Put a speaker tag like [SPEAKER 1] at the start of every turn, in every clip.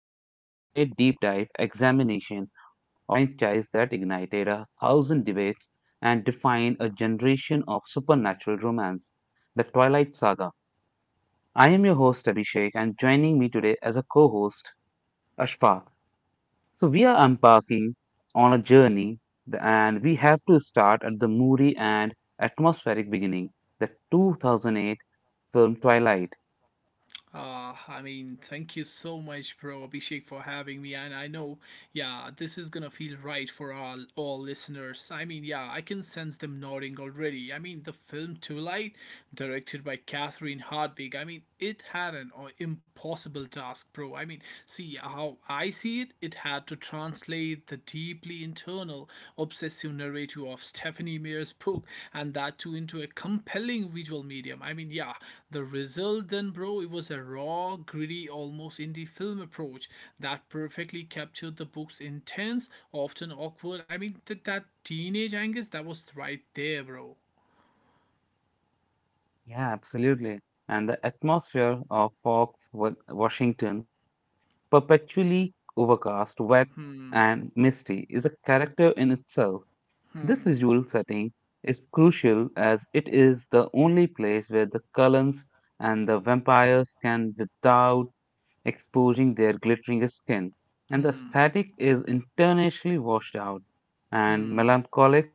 [SPEAKER 1] to the ultimate deep dive examination of a franchise that ignited a thousand debates and defined a generation of supernatural romance, the Twilight Saga. I am your host, Abhishek, and joining me today as a co host, Ashfaq. So, we are embarking on a journey, and we have to start at the moody and atmospheric beginning, the 2008 film Twilight.
[SPEAKER 2] Thank you so much, bro, Abhishek, for having me. And I know, yeah, this is gonna feel right for all listeners. Yeah, I can sense them nodding already. The film Too Light, directed by Catherine Hardwig. It had an impossible task, bro. See how I see it, it had to translate the deeply internal, obsessive narrative of Stephanie Meyer's book and that too into a compelling visual medium. Yeah, the result then, bro, it was a raw, gritty, almost indie film approach that perfectly captured the book's intense, often awkward. That teenage angst that was right there, bro.
[SPEAKER 1] Yeah, absolutely. And the atmosphere of Fox, Washington, perpetually overcast, wet, and misty, is a character in itself. This visual setting is crucial, as it is the only place where the Cullens and the vampires can, without exposing their glittering skin. And the static is intentionally washed out and melancholic,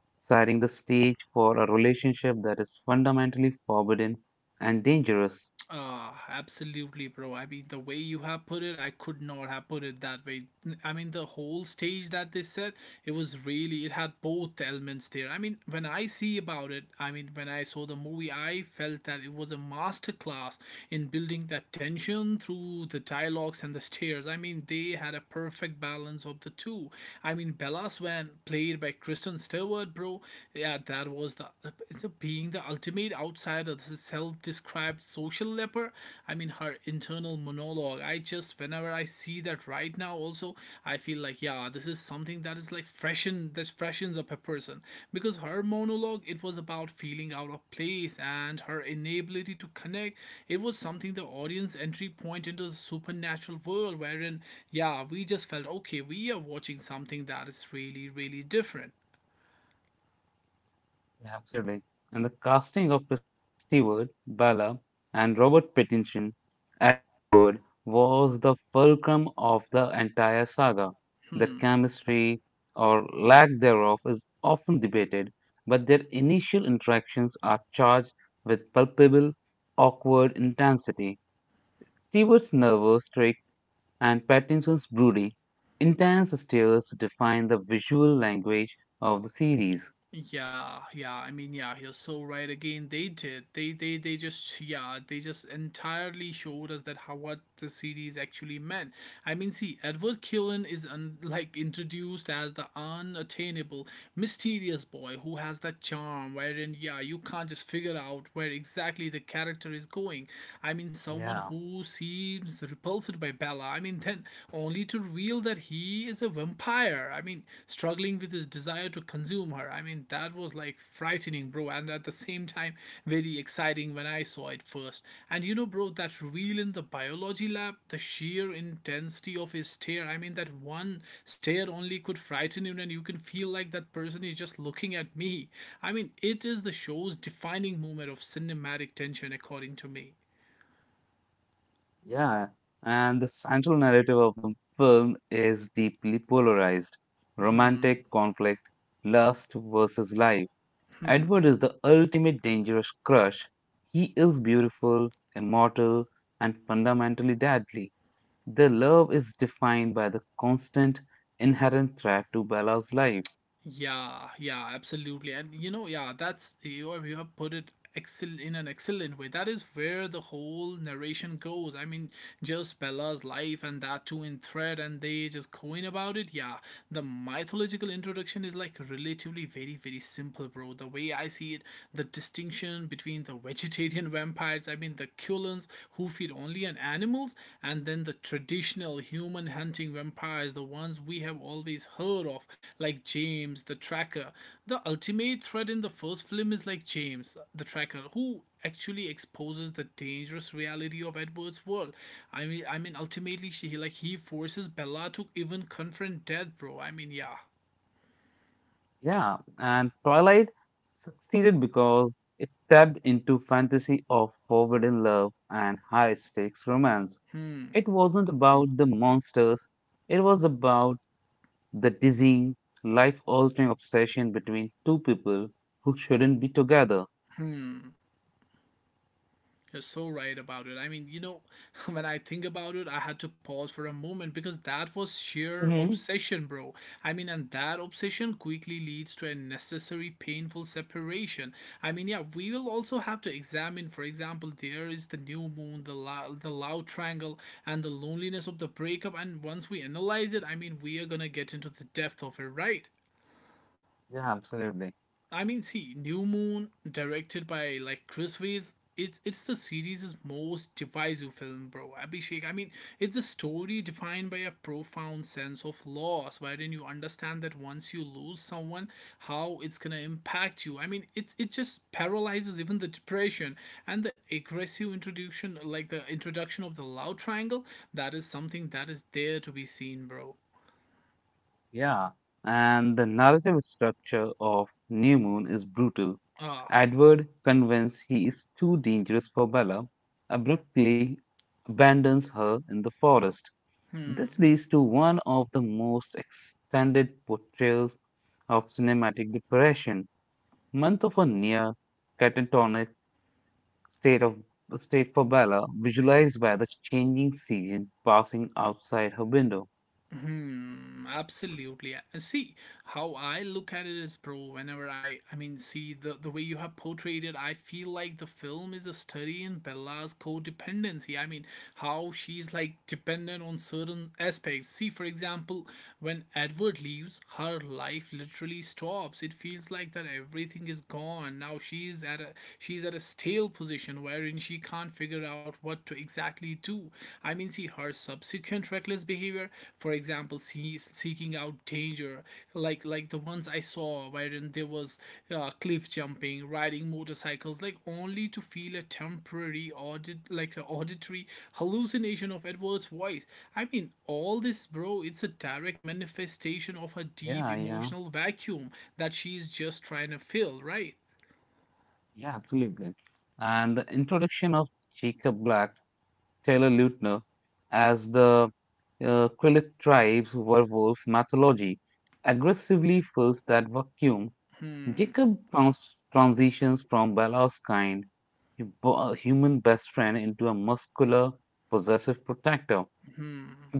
[SPEAKER 1] setting the stage for a relationship that is fundamentally forbidden and dangerous.
[SPEAKER 2] Absolutely, bro. The way you have put it, I could not have put it that way. The whole stage that they set, it was really, it had both elements there. When I see about it, when I saw the movie, I felt that it was a masterclass in building that tension through the dialogues and the stairs. They had a perfect balance of the two. Bella Swan, played by Kristen Stewart, bro, yeah, that was the, it's a being the ultimate outsider, the self described social leper. Her internal monologue. I just, whenever I see that right now, also, I feel like, yeah, this is something that is that freshens up a person. Because her monologue, it was about feeling out of place and her inability to connect. It was something the audience entry point into the supernatural world, wherein, yeah, we just felt, okay, we are watching something that is really, really different.
[SPEAKER 1] Absolutely. And the casting of Kristen Stewart, Bella, and Robert Pattinson, Edward, was the fulcrum of the entire saga. Their chemistry, or lack thereof, is often debated, but their initial interactions are charged with palpable, awkward intensity. Stewart's nervous tics and Pattinson's broody, intense stares define the visual language of the series.
[SPEAKER 2] Yeah, yeah. Yeah, you're so right. Again, they did. Yeah, they just entirely showed us that how what the series actually meant. See, Edward Cullen is like introduced as the unattainable, mysterious boy who has that charm, wherein, yeah, you can't just figure out where exactly the character is going. Someone
[SPEAKER 1] Yeah,
[SPEAKER 2] who seems repulsed by Bella. Then only to revealed that he is a vampire. Struggling with his desire to consume her. That was like frightening, bro, and at the same time, very exciting when I saw it first. And you know, bro, that reveal in the biology lab, the sheer intensity of his stare. That one stare only could frighten you, and you can feel like that person is just looking at me. It is the show's defining moment of cinematic tension, according to me.
[SPEAKER 1] yeah. And the central narrative of the film is deeply polarized romantic conflict, lust versus life. Edward is the ultimate dangerous crush. He is beautiful, immortal, and fundamentally deadly. Their love is defined by the constant, inherent threat to Bella's life.
[SPEAKER 2] Yeah, yeah, absolutely. And you know, yeah, you have put it excel in an excellent way. That is where the whole narration goes. Just Bella's life and that too in thread and they just going about it. Yeah, the mythological introduction is like relatively very very simple, bro. The way I see it, the distinction between the vegetarian vampires, I mean the Cullen rodents who feed only on animals, and then the traditional human hunting vampires, the ones we have always heard of, like James the Tracker. The ultimate threat in the first film is like James the Tracker, who actually exposes the dangerous reality of Edward's world. Ultimately, she like he forces Bella to even confront death, bro. I mean, yeah.
[SPEAKER 1] Yeah, and Twilight succeeded because it tapped into fantasy of forbidden love and high stakes romance. It wasn't about the monsters, it was about the dizzying, life altering obsession between two people who shouldn't be together.
[SPEAKER 2] You're so right about it. You know, when I think about it, I had to pause for a moment because that was sheer
[SPEAKER 1] Hmm.
[SPEAKER 2] obsession, bro. And that obsession quickly leads to a necessary painful separation. Yeah, we will also have to examine, for example, there is the new moon, the loud triangle, and the loneliness of the breakup. And once we analyze it, we are gonna get into the depth of it, right?
[SPEAKER 1] Yeah, absolutely.
[SPEAKER 2] See, New Moon, directed by like Chris Weitz, it's the series' most divisive film, bro. Abhishek. It's a story defined by a profound sense of loss, wherein you understand that once you lose someone, how it's gonna impact you. It just paralyzes even the depression and the aggressive introduction, like the introduction of the love triangle. That is something that is there to be seen, bro.
[SPEAKER 1] Yeah, and the narrative structure of New Moon is brutal.
[SPEAKER 2] Ah.
[SPEAKER 1] Edward, convinced he is too dangerous for Bella, abruptly abandons her in the forest. This leads to one of the most extended portrayals of cinematic depression. Month of a near catatonic state of state for Bella, visualized by the changing season passing outside her window.
[SPEAKER 2] Mm, absolutely. See how I look at it is, bro. Whenever I mean, see the way you have portrayed it, I feel like the film is a study in Bella's codependency. How she's like dependent on certain aspects. See, for example, when Edward leaves, her life literally stops. It feels like that everything is gone. Now she's at a stale position wherein she can't figure out what to exactly do. See, her subsequent reckless behavior, for example, see, seeking out danger, like the ones I saw, wherein there was cliff jumping, riding motorcycles, like only to feel a temporary audit, like an auditory hallucination of Edward's voice. All this, bro, it's a direct manifestation of her deep
[SPEAKER 1] Yeah, yeah.
[SPEAKER 2] emotional vacuum that she's just trying to fill, right?
[SPEAKER 1] Yeah, absolutely. And the introduction of Jacob Black, Taylor Lautner, as the Quillet tribe's werewolf mythology aggressively fills that vacuum. Jacob transitions from Bella's kind, human best friend into a muscular, possessive protector.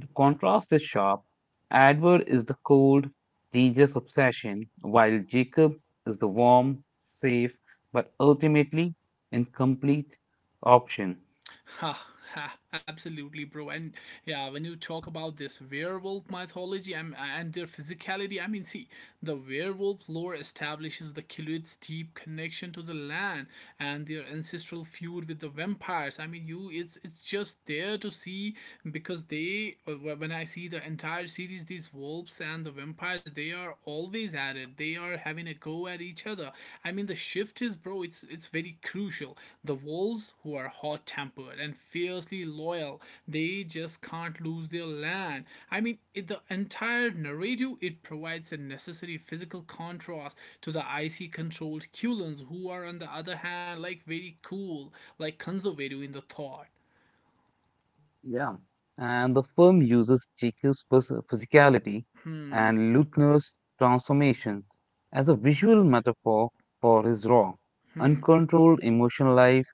[SPEAKER 1] The contrast is sharp. Edward is the cold, dangerous obsession, while Jacob is the warm, safe, but ultimately incomplete option.
[SPEAKER 2] Ha, ha, absolutely, bro. And yeah, when you talk about this werewolf mythology and their physicality, see, the werewolf lore establishes the Kiluit's deep connection to the land and their ancestral feud with the vampires. It's just there to see because they, when I see the entire series, these wolves and the vampires, they are always at it. They are having a go at each other. The shift is, bro, it's very crucial. The Wolves, who are hot tempered and fiercely loyal, they just can't lose their land. The entire narrative, it provides a necessary physical contrast to the icy controlled Culans, who are, on the other hand, like very cool, like conservative in the thought.
[SPEAKER 1] Yeah. And the film uses Jacob's physicality
[SPEAKER 2] Hmm,
[SPEAKER 1] and Lutner's transformation as a visual metaphor for his raw, uncontrolled emotional life.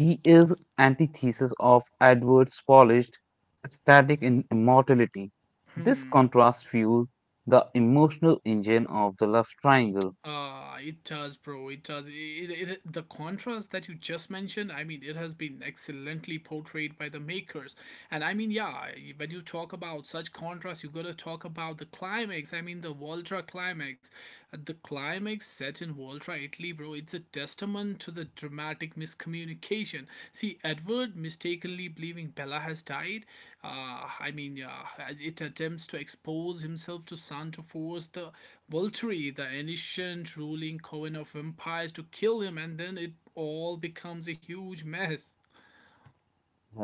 [SPEAKER 1] He is antithesis of Edward's polished, static in immortality. This
[SPEAKER 2] hmm.
[SPEAKER 1] contrast fuels the emotional engine of the love triangle.
[SPEAKER 2] Ah, it does, bro. It does. The contrast that you just mentioned, it has been excellently portrayed by the makers. And yeah, when you talk about such contrast, you gotta talk about the climax. The Voltra climax. The climax set in Voltra, Italy, bro, it's a testament to the dramatic miscommunication. See, Edward mistakenly believing Bella has died, uh, I mean, uh, it attempts to expose himself to Santo Force, the Volturi, the ancient ruling coven of vampires, to kill him, and then it all becomes a huge mess.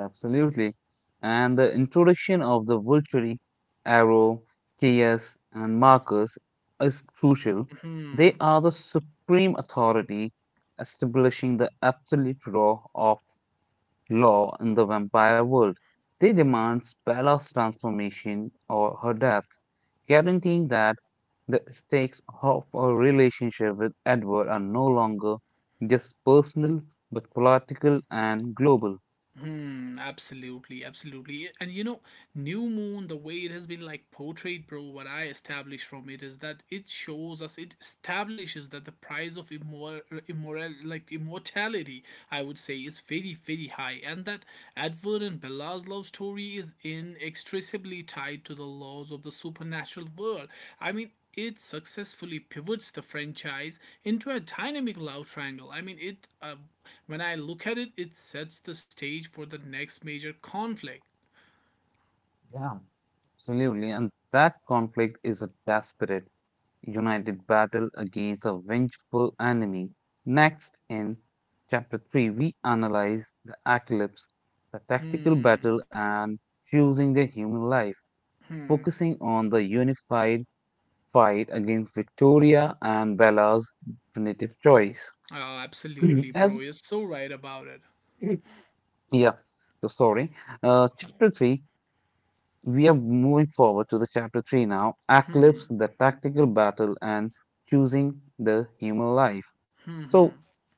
[SPEAKER 1] Absolutely. And the introduction of the Vulture, Arrow, Chaos, and Marcus is crucial. They are the supreme authority, establishing the absolute law in the vampire world. They demand Bella's transformation or her death, guaranteeing that the stakes of her relationship with Edward are no longer just personal but political and global.
[SPEAKER 2] Hmm, absolutely, absolutely. And you know, New Moon, the way it has been like portrayed, bro, what I established from it is that it shows us, it establishes that the price of immoral, like immortality, I would say, is very, very high. And that Edward and Bella's love story is inextricably tied to the laws of the supernatural world. It successfully pivots the franchise into a dynamic love triangle. It when I look at it, it sets the stage for the next major conflict.
[SPEAKER 1] Yeah, absolutely. And that conflict is a desperate, united battle against a vengeful enemy. Next, in chapter 3, we analyze the eclipse, the tactical battle, and choosing the human life, focusing on the unified fight against Victoria and Bella's definitive choice.
[SPEAKER 2] Oh, absolutely,
[SPEAKER 1] As
[SPEAKER 2] bro. You're so right about it.
[SPEAKER 1] yeah, so sorry. Chapter 3, we are moving forward to the chapter 3 now. Eclipse, the tactical battle, and choosing the human life. So,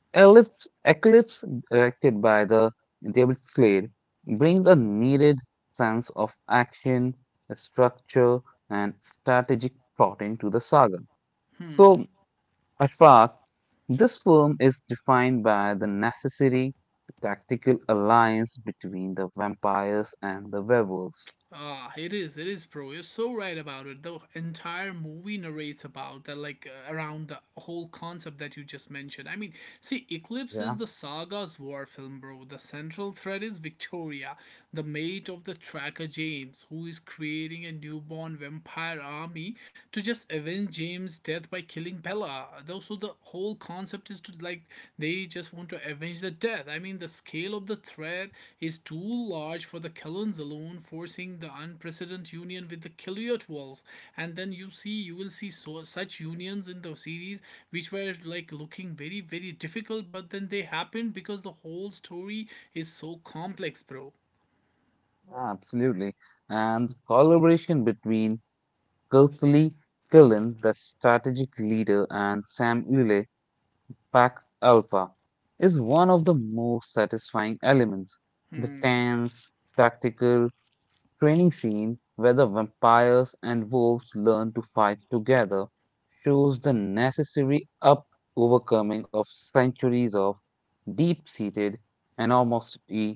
[SPEAKER 1] eclipse Eclipse, directed by the David Slade, brings a needed sense of action, structure, and strategic plotting to the saga. So, Ashfaq, this film is defined by the necessary tactical alliance between the vampires and the werewolves.
[SPEAKER 2] Ah, it is, bro. You're so right about it. The entire movie narrates about that, around the whole concept that you just mentioned. See, Eclipse is
[SPEAKER 1] Yeah,
[SPEAKER 2] the saga's war film, bro. The central thread is Victoria, the mate of the tracker James, who is creating a newborn vampire army to just avenge James' death by killing Bella, the whole concept is to like they just want to avenge the death. The scale of the threat is too large for the Kelans alone, forcing the unprecedented union with the Kiliot walls. And then you will see so such unions in the series which were like looking very very difficult, but then they happened because the whole story is so complex, bro.
[SPEAKER 1] absolutely. And collaboration between Kelsey Killen, the strategic leader, and Sam Ule, Pack Alpha, is one of the most satisfying elements. The tense, tactical training scene where the vampires and wolves learn to fight together shows the necessary up overcoming of centuries of deep-seated animosity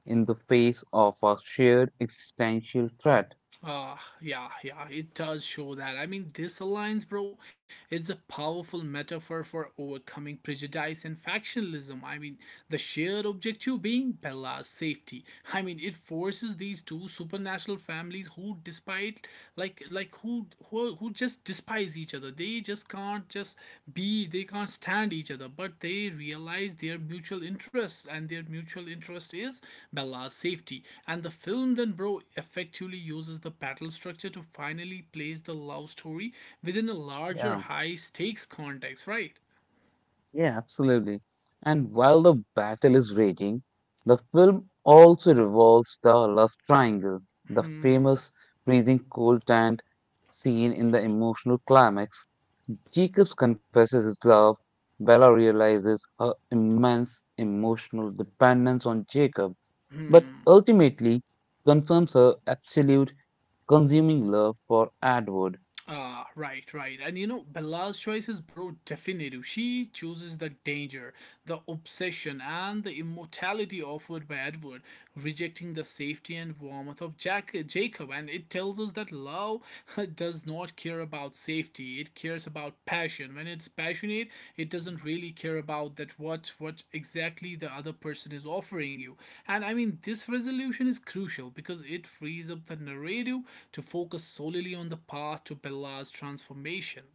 [SPEAKER 1] in the face of a shared existential threat.
[SPEAKER 2] Uh, yeah, yeah, it does show that. This alliance, bro, it's a powerful metaphor for overcoming prejudice and factionalism. The shared objective being Bella's safety. It forces these two supernatural families who, despite who just despise each other they just can't just be they can't stand each other but they realize their mutual interest and their mutual interest is bella's safety and the film then bro effectively uses the battle structure to finally place the love story within a larger
[SPEAKER 1] Yeah,
[SPEAKER 2] high stakes context right.
[SPEAKER 1] yeah, absolutely. And while the battle is raging, the film also revolves the love triangle. The famous freezing cold tent scene in the emotional climax, Jacobs confesses his love. Bella realizes her immense emotional dependence on Jacob, but ultimately confirms her absolute consuming love for Edward.
[SPEAKER 2] Ah, right, right. And you know, Bella's choices, bro, definitive. She chooses the danger, the obsession, and the immortality offered by Edward, rejecting the safety and warmth of Jack Jacob. And it tells us that love does not care about safety. It cares about passion when it's passionate. It doesn't really care about that, what exactly the other person is offering you. And I mean, this resolution is crucial because it frees up the narrative to focus solely on the path to Bella's transformation.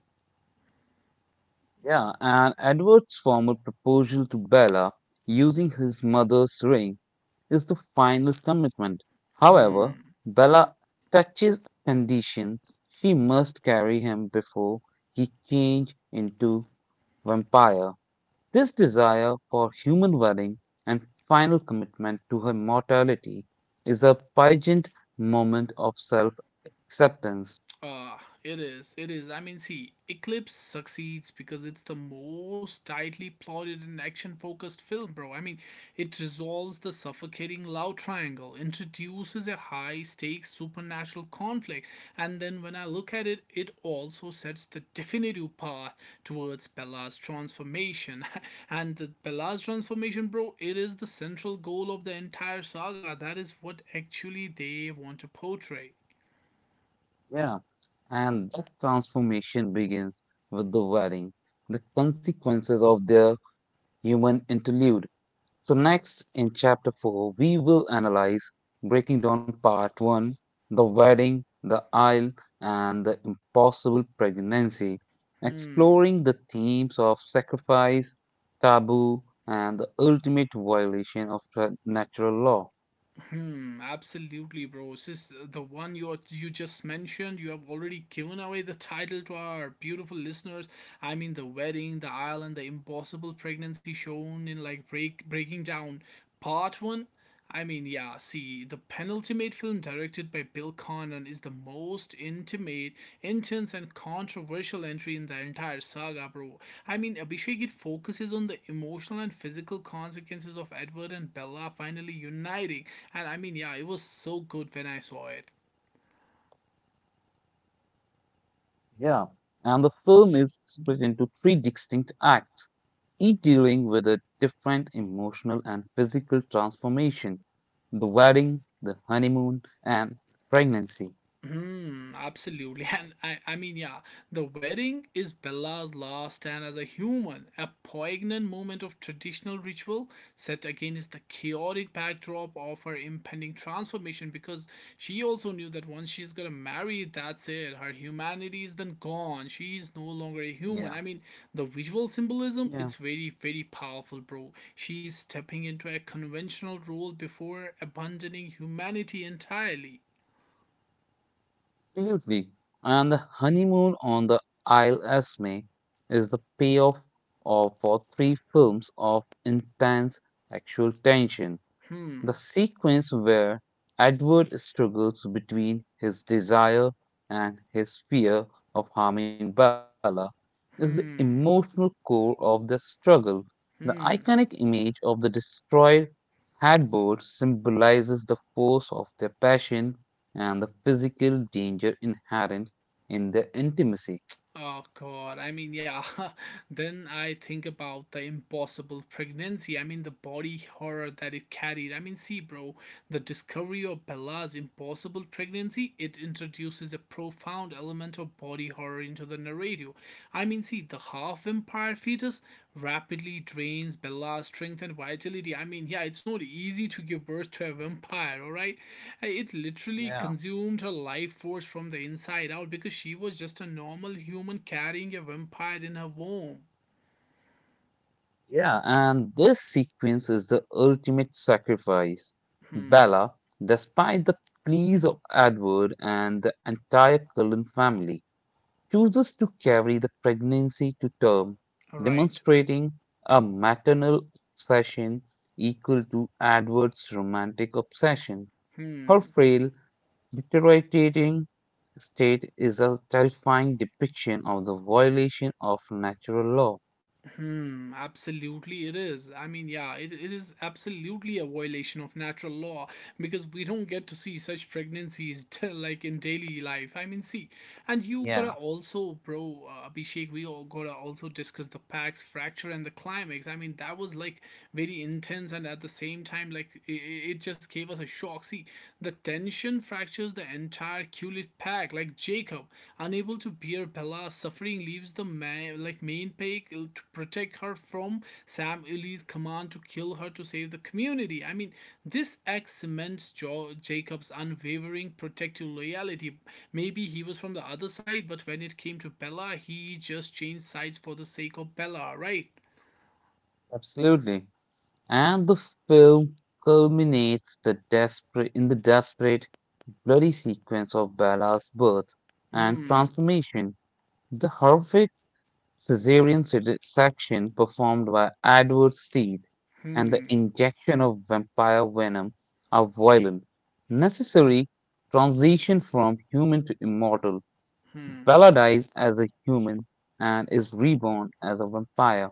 [SPEAKER 1] Yeah, and Edward's formal proposal to Bella using his mother's ring is the final commitment. However, Bella touches a condition: she must carry him before he changes into vampire. This desire for human welling and final commitment to her mortality is a pageant moment of self acceptance.
[SPEAKER 2] Uh, it is. It is. I mean, see, Eclipse succeeds because it's the most tightly plotted and action focused film, bro. I mean, it resolves the suffocating love triangle, introduces a high stakes supernatural conflict, and then when I look at it, it also sets the definitive path towards Bella's transformation. And the Bella's transformation, bro, it is the central goal of the entire saga. That is what actually they want to portray.
[SPEAKER 1] Yeah, and that transformation begins with the wedding. The consequences of their human interlude. So, next in chapter 4, we will analyze breaking down part 1, the wedding, the isle, and the impossible pregnancy,
[SPEAKER 2] Hmm.
[SPEAKER 1] exploring the themes of sacrifice, taboo, and the ultimate violation of natural law.
[SPEAKER 2] Hmm, absolutely, bro. This is the one you just mentioned. You have already given away the title to our beautiful listeners. I mean, the wedding, the island, the impossible pregnancy shown in like breaking down part one. I mean, yeah. See, the penultimate intimate film directed by Bill Condon is the most intimate, intense, and controversial entry in the entire saga, bro. I mean, Abhishek, it focuses on the emotional and physical consequences of Edward and Bella finally uniting, and I mean, yeah, it was so good when I saw it.
[SPEAKER 1] Yeah, and the film is split into three distinct acts, each dealing with a different emotional and physical transformation: the wedding, the honeymoon, and pregnancy.
[SPEAKER 2] Hmm, absolutely. And I mean, yeah, the wedding is Bella's last stand as a human, a poignant moment of traditional ritual set against the chaotic backdrop of her impending transformation because she also knew that once she's gonna marry, that's it. Her humanity is then gone. She is no longer a human. I mean,
[SPEAKER 1] Yeah,
[SPEAKER 2] the visual symbolism, it's
[SPEAKER 1] yeah,
[SPEAKER 2] very, very powerful, bro. She's stepping into a conventional role before abandoning humanity entirely.
[SPEAKER 1] absolutely. And the honeymoon on the Isle Esme is the payoff for three films of intense sexual tension.
[SPEAKER 2] Hmm.
[SPEAKER 1] The sequence where Edward struggles between his desire and his fear of harming Bella is the emotional
[SPEAKER 2] Hmm.
[SPEAKER 1] core of their struggle. The
[SPEAKER 2] Hmm.
[SPEAKER 1] iconic image of the destroyed headboard symbolizes the force of their passion and the physical danger inherent in their intimacy.
[SPEAKER 2] Oh God. I mean, yeah. Then I think about the impossible pregnancy. I mean, the body horror that it carried. I mean, see, bro, the discovery of Bella's impossible pregnancy, it introduces a profound element of body horror into the narrative. I mean, see, the half vampire fetus rapidly drains Bella's strength and vitality. I mean, yeah, it's not easy to give birth to a vampire, alright? It literally
[SPEAKER 1] Yeah.
[SPEAKER 2] consumed her life force from the inside out because she was just a normal human carrying a vampire in her womb.
[SPEAKER 1] Yeah, and this sequence is the ultimate sacrifice.
[SPEAKER 2] Hmm,
[SPEAKER 1] Bella, despite the pleas of Edward and the entire Cullen family, chooses to carry the pregnancy to term,
[SPEAKER 2] alright.
[SPEAKER 1] demonstrating a maternal obsession equal to Edward's romantic obsession. Her
[SPEAKER 2] Hmm.
[SPEAKER 1] frail, deteriorating state is a terrifying depiction of the violation of natural law.
[SPEAKER 2] Hmm, absolutely it is. I mean, yeah, it is absolutely a violation of natural law because we don't get to see such pregnancies like in daily life. I mean, see, and you
[SPEAKER 1] Yeah,
[SPEAKER 2] gotta also, bro, Abhishek, we all gotta also discuss the Pax fracture and the climax. I mean, that was like very intense and at the same time, like it just gave us a shock. See, the tension fractures the entire Kulit pack, like Jacob. Unable to bear Bella's suffering, leaves the like main pack to protect her from Sam Ili's command to kill her to save the community. I mean, this act cements Jacob's unwavering protective loyalty. Maybe he was from the other side, but when it came to Bella, he just changed sides for the sake of Bella, right?
[SPEAKER 1] absolutely. And the film culminates the desperate in the desperate, bloody sequence of Bella's birth and
[SPEAKER 2] Hmm,
[SPEAKER 1] transformation. The horrific cesarean section performed by Edward Steed and the
[SPEAKER 2] hmm,
[SPEAKER 1] injection of vampire venom are violent, necessary transition from human to immortal.
[SPEAKER 2] hmm.
[SPEAKER 1] Bella dies as a human and is reborn as a vampire,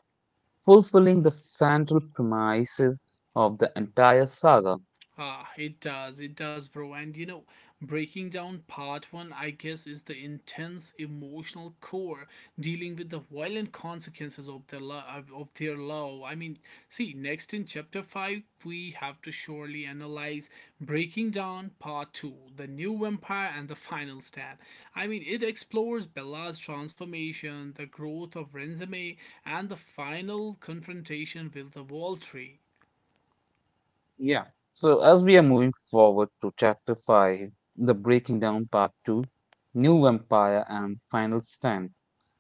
[SPEAKER 1] fulfilling the central premises of the entire saga.
[SPEAKER 2] Ah, it does, bro. And you know, breaking down part one, I guess, is the intense emotional core dealing with the violent consequences of their love. Of their love. I mean, see, next in chapter five, we have to surely analyze breaking down part two, the new vampire, and the final stand. I mean, it explores Bella's transformation, the growth of Renzame, and the final confrontation with the Voltri.
[SPEAKER 1] Yeah. So as we are moving forward to chapter 5, the breaking down part 2, new empire and final stand.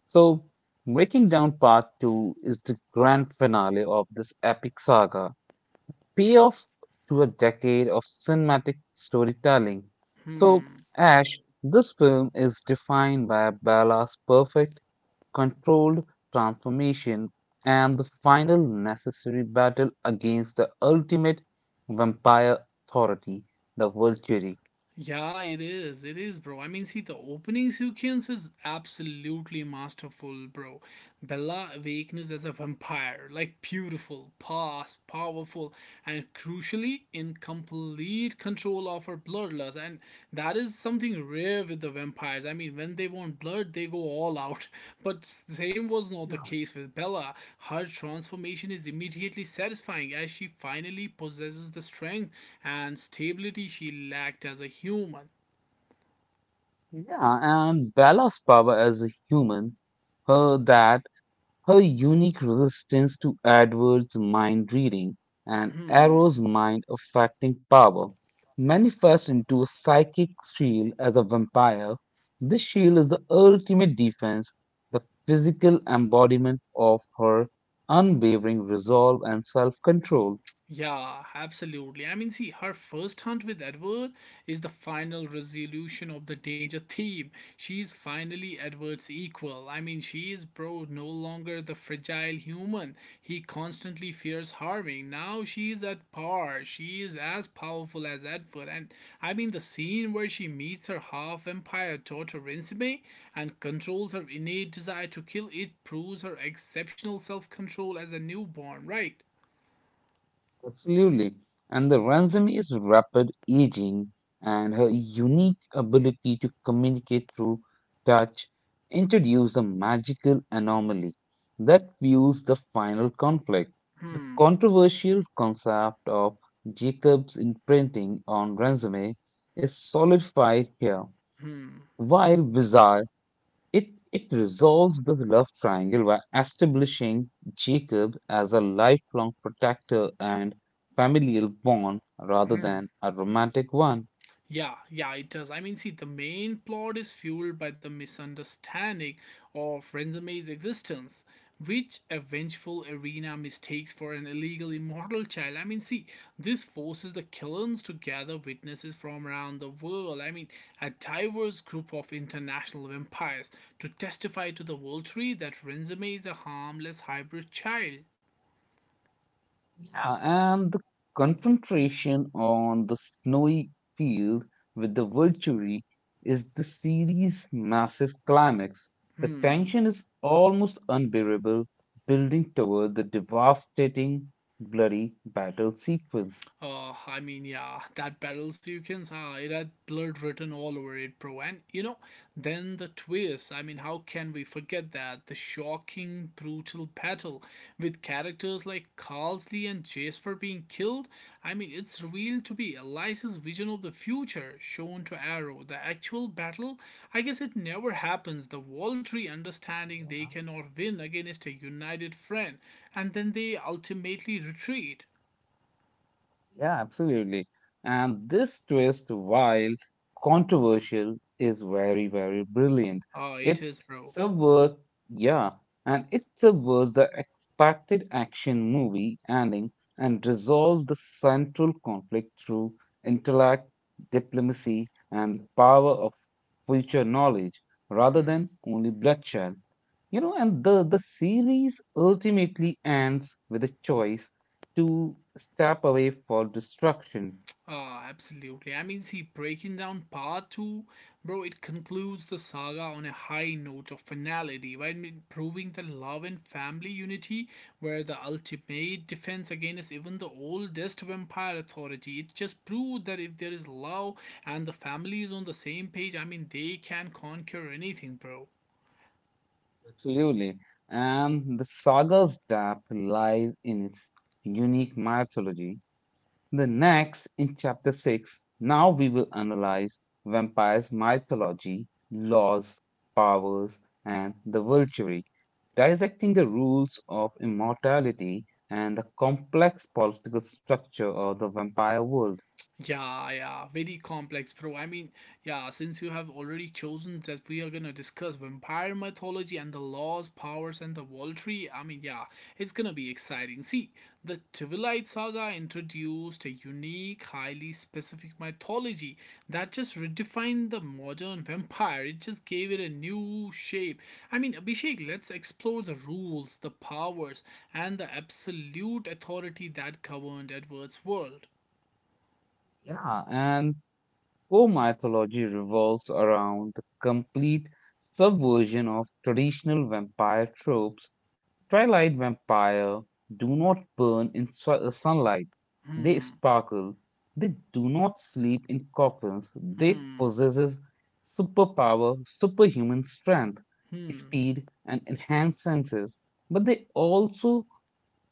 [SPEAKER 1] So breaking down part 2 is the grand finale of this epic saga, payoff to a decade of cinematic storytelling. So,
[SPEAKER 2] Hmm.
[SPEAKER 1] Ash, this film is defined by Bella's perfect controlled transformation, and the final necessary battle against the ultimate vampire authority, the Volturi.
[SPEAKER 2] Yeah, it is. It is, bro. I mean, see, the opening sequence is absolutely masterful, bro. Bella awakens as a vampire, like beautiful, past, powerful, and crucially in complete control of her bloodlust. And that is something rare with the vampires. I mean, when they want blood, they go all out. But same was not the case with Bella. Her transformation is immediately satisfying as she finally possesses the strength and stability she lacked as a human.
[SPEAKER 1] Yeah, and Bella's power as a human, her that her unique resistance to Edward's mind reading and
[SPEAKER 2] Hmm.
[SPEAKER 1] Arrow's mind affecting power manifests into a psychic shield as a vampire. This shield is the ultimate defense, the physical embodiment of her unwavering resolve and self control.
[SPEAKER 2] Yeah, absolutely. I mean, see, her first hunt with Edward is the final resolution of the danger theme. She's finally Edward's equal. I mean, she is, bro, no longer the fragile human he constantly fears harming. Now she is at par. She is as powerful as Edward. And I mean, the scene where she meets her half vampire daughter Rinzime and controls her innate desire to kill it proves her exceptional self control as a newborn, right?
[SPEAKER 1] Absolutely. And the ransom is rapid aging and her unique ability to communicate through touch introduce a magical anomaly that fuels the final conflict. The
[SPEAKER 2] Hmm.
[SPEAKER 1] controversial concept of Jacob's imprinting on Ransom is solidified here.
[SPEAKER 2] Hmm.
[SPEAKER 1] While bizarre, it resolves the love triangle by establishing Jacob as a lifelong protector and familial bond rather
[SPEAKER 2] Hmm.
[SPEAKER 1] than a romantic one.
[SPEAKER 2] Yeah, yeah, it does. I mean, see, the main plot is fueled by the misunderstanding of Renzame's existence, which a vengeful Arena mistakes for an illegal immortal child. I mean, see, this forces the Killens to gather witnesses from around the world. I mean, a diverse group of international vampires to testify to the World Tree that Renzame is a harmless hybrid child.
[SPEAKER 1] Yeah, and the confrontation on the snowy field with the Volturi is the series' massive climax. The
[SPEAKER 2] Hmm.
[SPEAKER 1] tension is almost unbearable, building toward the devastating, bloody battle sequence.
[SPEAKER 2] Oh, I mean, yeah, that battles you can ah, it had blood written all over it, bro. And you know, then the twist. I mean, how can we forget that? The shocking, brutal battle with characters like Carlsley and Jasper being killed. I mean, it's revealed to be Eliza's vision of the future shown to Arrow. The actual battle, I guess it never happens. The Waltry understanding they
[SPEAKER 1] Yeah.
[SPEAKER 2] cannot win against a united friend, and then they ultimately retreat.
[SPEAKER 1] Yeah, absolutely. And this twist, while controversial, is very, very brilliant.
[SPEAKER 2] Oh,
[SPEAKER 1] It
[SPEAKER 2] it is, bro.
[SPEAKER 1] subverts, yeah, and it subverts the expected action movie ending and resolves the central conflict through intellect, diplomacy, and power of future knowledge rather
[SPEAKER 2] Hmm.
[SPEAKER 1] than only bloodshed. You know, and the series ultimately ends with a choice to step away for destruction.
[SPEAKER 2] Ah, absolutely. I mean, see, breaking down part two, bro, it concludes the saga on a high note of finality, right? I mean, proving the love and family unity were the ultimate defense against even the oldest vampire authority. It just proved that if there is love and the family is on the same page, I mean, they can conquer anything, bro.
[SPEAKER 1] Absolutely. And the saga's depth lies in its unique mythology. The next, in chapter 6, now we will analyze vampires' mythology, laws, powers, and the vulture, dissecting the rules of immortality and the complex political structure of the vampire world.
[SPEAKER 2] Yeah, yeah, very complex, bro. I mean, yeah, since you have already chosen that we are gonna discuss vampire mythology and the laws, powers, and the world tree, I mean, yeah, it's gonna be exciting. See, the Twilight Saga introduced a unique, highly specific mythology that just redefined the modern vampire. It just gave it a new shape. I mean, Abhishek, let's explore the rules, the powers, and the absolute authority that governed Edward's world.
[SPEAKER 1] Yeah, and core mythology revolves around the complete subversion of traditional vampire tropes. Twilight vampire do not burn in sunlight, they
[SPEAKER 2] Hmm.
[SPEAKER 1] sparkle. They do not sleep in coffins. They
[SPEAKER 2] Hmm.
[SPEAKER 1] possess superpower, superhuman strength,
[SPEAKER 2] Hmm.
[SPEAKER 1] speed, and enhanced senses. But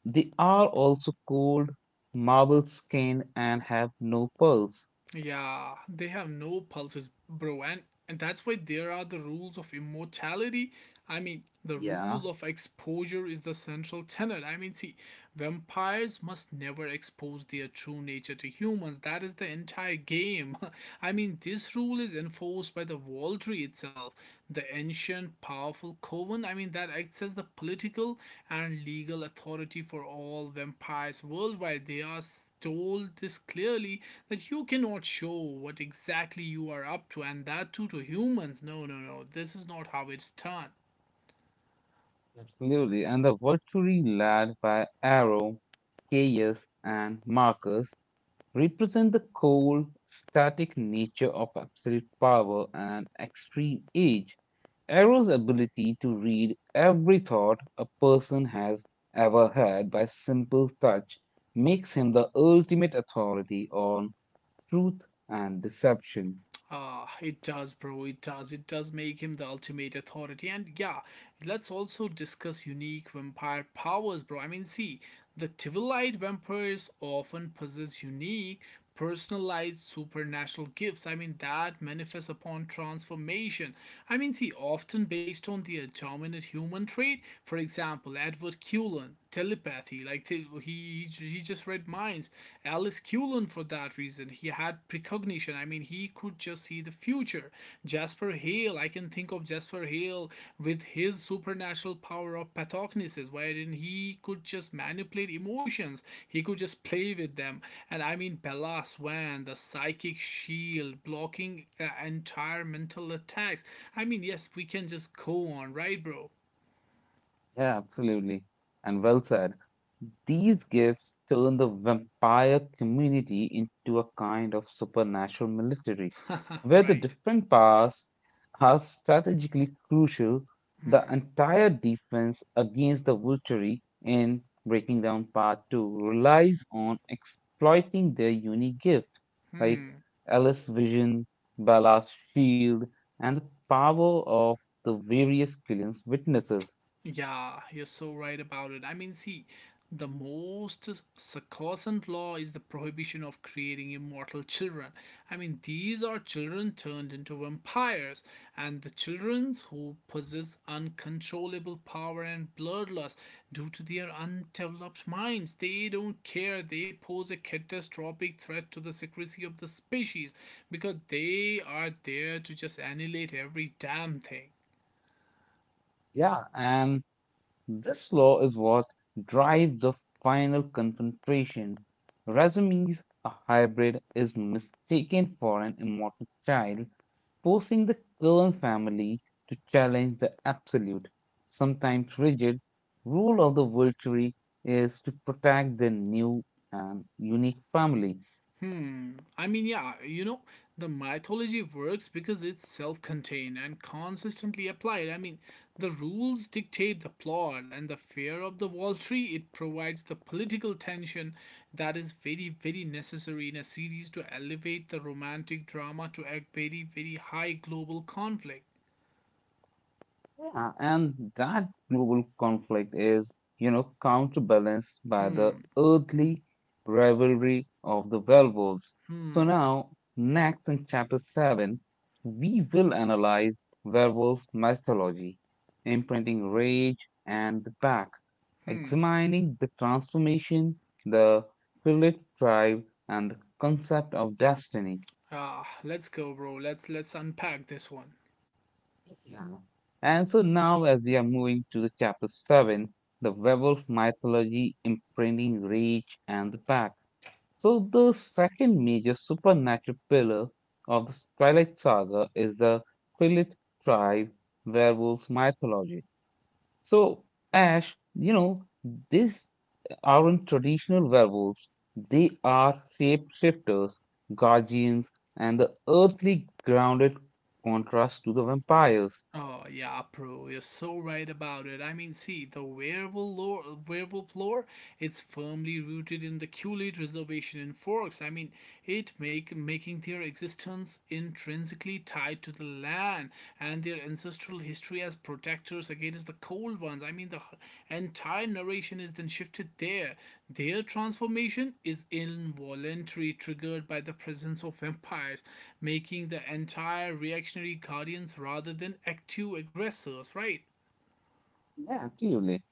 [SPEAKER 1] they are also cold, marble skinned, and have no pulse.
[SPEAKER 2] Yeah, they have no pulses, bro, and that's why there are the rules of immortality. I mean, the
[SPEAKER 1] Yeah.
[SPEAKER 2] rule of exposure is the central tenet. I mean, see, vampires must never expose their true nature to humans. That is the entire game. I mean, this rule is enforced by the Valtry itself, the ancient, powerful coven. I mean, that acts as the political and legal authority for all vampires worldwide. They are told this clearly that you cannot show what exactly you are up to, and that too to humans. No, no, no. This is not how it's done.
[SPEAKER 1] Absolutely. And the Volturi, led by Arrow, Caius, and Marcus, represent the cold, static nature of absolute power and extreme age. Arrow's ability to read every thought a person has ever had by simple touch makes him the ultimate authority on truth and deception.
[SPEAKER 2] Ah, it does, bro. It does. It does make him the ultimate authority. And yeah, let's also discuss unique vampire powers, bro. I mean, see, the Tivilite vampires often possess unique, personalized supernatural gifts. I mean, that manifests upon transformation. I mean, see, often based on the dominant human trait. For example, Edward Cullen, telepathy. Like he just read minds. Alice Cullen for that reason. He had precognition. I mean, he could just see the future. Jasper Hale. I can think of Jasper Hale with his supernatural power of pathognosis, wherein he could just manipulate emotions. He could just play with them. And I mean, Bella Swan, the psychic shield, blocking entire mental attacks. I mean, yes, we can just go on, right, bro?
[SPEAKER 1] Yeah, absolutely. And well said. These gifts turn the vampire community into a kind of supernatural military, where the
[SPEAKER 2] Right.
[SPEAKER 1] different powers are strategically crucial. The
[SPEAKER 2] Hmm.
[SPEAKER 1] entire defense against the witchery in Breaking Down Part 2 relies on exploiting their unique gift, like
[SPEAKER 2] Hmm.
[SPEAKER 1] Alice's Vision, Bella's Shield, and the power of the various Killian's witnesses.
[SPEAKER 2] Yeah, you're so right about it. I mean, see, the most sacrosanct law is the prohibition of creating immortal children. I mean, these are children turned into vampires, and the children who possess uncontrollable power and bloodlust due to their undeveloped minds. They don't care. They pose a catastrophic threat to the secrecy of the species because they are there to just annihilate every damn thing.
[SPEAKER 1] Yeah, and this law is what drives the final concentration. Razumi's a hybrid is mistaken for an immortal child, forcing the Kern family to challenge the absolute, sometimes rigid, rule of the Volturi is to protect their new and unique family.
[SPEAKER 2] Hmm. I mean, yeah, you know, the mythology works because it's self contained and consistently applied. I mean, the rules dictate the plot, and the fear of the wall tree, it provides the political tension that is very, very necessary in a series to elevate the romantic drama to a very, very high global conflict.
[SPEAKER 1] Yeah, and that global conflict is, you know, counterbalanced by the
[SPEAKER 2] Hmm.
[SPEAKER 1] earthly rivalry of the werewolves. So
[SPEAKER 2] Hmm.
[SPEAKER 1] now, next in chapter 7, we will analyze werewolf mythology, imprinting rage and the pack, examining the transformation, the Philip tribe, and the concept of destiny.
[SPEAKER 2] Ah, let's go, bro. Let's unpack this one.
[SPEAKER 1] Yeah. And so now, as we are moving to the chapter 7, the werewolf mythology imprinting rage and the pack. So, the second major supernatural pillar of the Twilight Saga is the Quillet tribe werewolf mythology. So, Ash, you know, these aren't traditional werewolves, they are shapeshifters, guardians, and the earthly grounded contrast to the vampires.
[SPEAKER 2] Oh yeah, bro, you're so right about it. I mean, see, the werewolf lore, it's firmly rooted in the Culeid Reservation in Forks. I mean, it make making their existence intrinsically tied to the land and their ancestral history as protectors against the cold ones. I mean, the entire narration is then shifted there. Their transformation is involuntary, triggered by the presence of vampires, making the entire reactionary guardians rather than active aggressors, right?
[SPEAKER 1] Yeah, absolutely.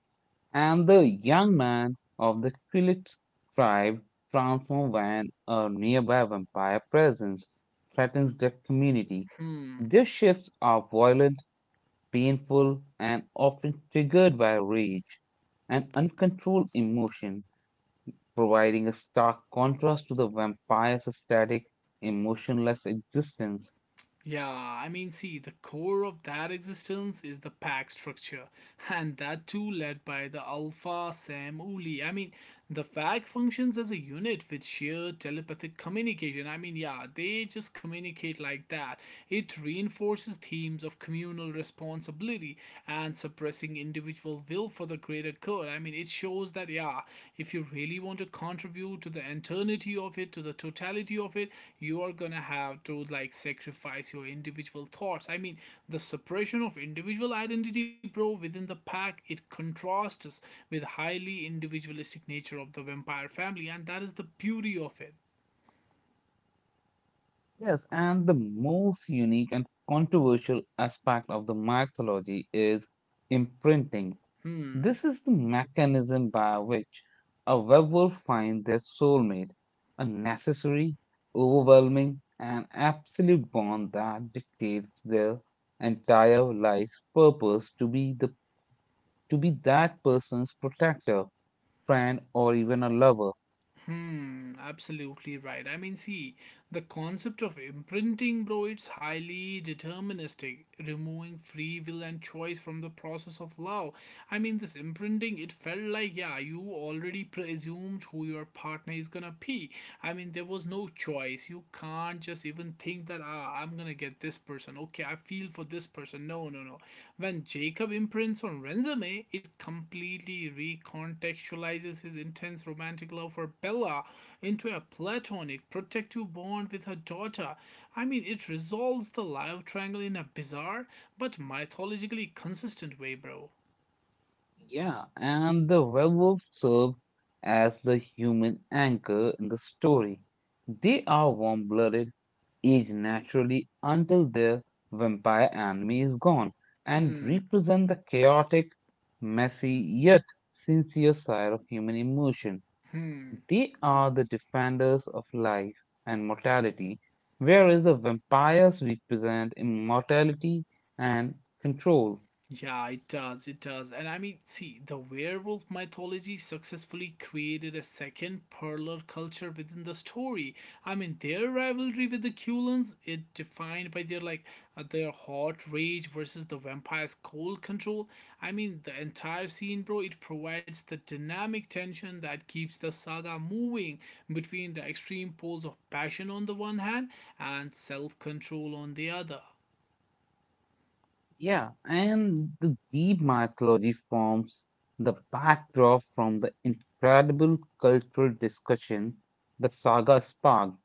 [SPEAKER 1] And the young man of the Quilit tribe transforms when a nearby vampire presence threatens their community.
[SPEAKER 2] Hmm.
[SPEAKER 1] These shifts are violent, painful, and often triggered by rage and uncontrolled emotion, providing a stark contrast to the vampire's static, emotionless existence.
[SPEAKER 2] Yeah, I mean, see, the core of that existence is the pack structure, and that too led by the Alpha Sam Uli. I mean, the pack functions as a unit with sheer telepathic communication. I mean, yeah, they just communicate like that. It reinforces themes of communal responsibility and suppressing individual will for the greater good. I mean, it shows that, yeah, if you really want to contribute to the eternity of it, to the totality of it, you are gonna have to like sacrifice your individual thoughts. I mean, the suppression of individual identity, bro, within the pack, it contrasts with highly individualistic nature of the vampire family, and that is the beauty of it.
[SPEAKER 1] Yes, and the most unique and controversial aspect of the mythology is imprinting.
[SPEAKER 2] Hmm.
[SPEAKER 1] This is the mechanism by which a werewolf finds their soulmate, a necessary, overwhelming, and absolute bond that dictates their entire life's purpose to be that person's protector, friend, or even a lover.
[SPEAKER 2] Hmm, absolutely right. I mean, see, the concept of imprinting, bro, it's highly deterministic, removing free will and choice from the process of love. I mean, this imprinting, it felt like, yeah, you already presumed who your partner is gonna be. I mean, there was no choice. You can't just even think that, ah, I'm gonna get this person. Okay, I feel for this person. No, no, no. When Jacob imprints on Renzomi, it completely recontextualizes his intense romantic love for Bella into a platonic, protective bond with her daughter. I mean, it resolves the love triangle in a bizarre but mythologically consistent way, bro.
[SPEAKER 1] Yeah, and the werewolf serve as the human anchor in the story. They are warm blooded, age naturally until their vampire enemy is gone, and
[SPEAKER 2] Hmm,
[SPEAKER 1] represent the chaotic, messy, yet sincere side of human emotion.
[SPEAKER 2] hmm.
[SPEAKER 1] They are the defenders of life and mortality, whereas the vampires represent immortality and control.
[SPEAKER 2] Yeah, it does. It does. And I mean, see, the werewolf mythology successfully created a second parlor culture within the story. I mean, their rivalry with the Culans it defined by their like their hot rage versus the vampire's cold control. I mean, the entire scene, bro, it provides the dynamic tension that keeps the saga moving between the extreme poles of passion on the one hand and self-control on the other.
[SPEAKER 1] Yeah, and the deep mythology forms the backdrop from the incredible cultural discussion the saga sparked.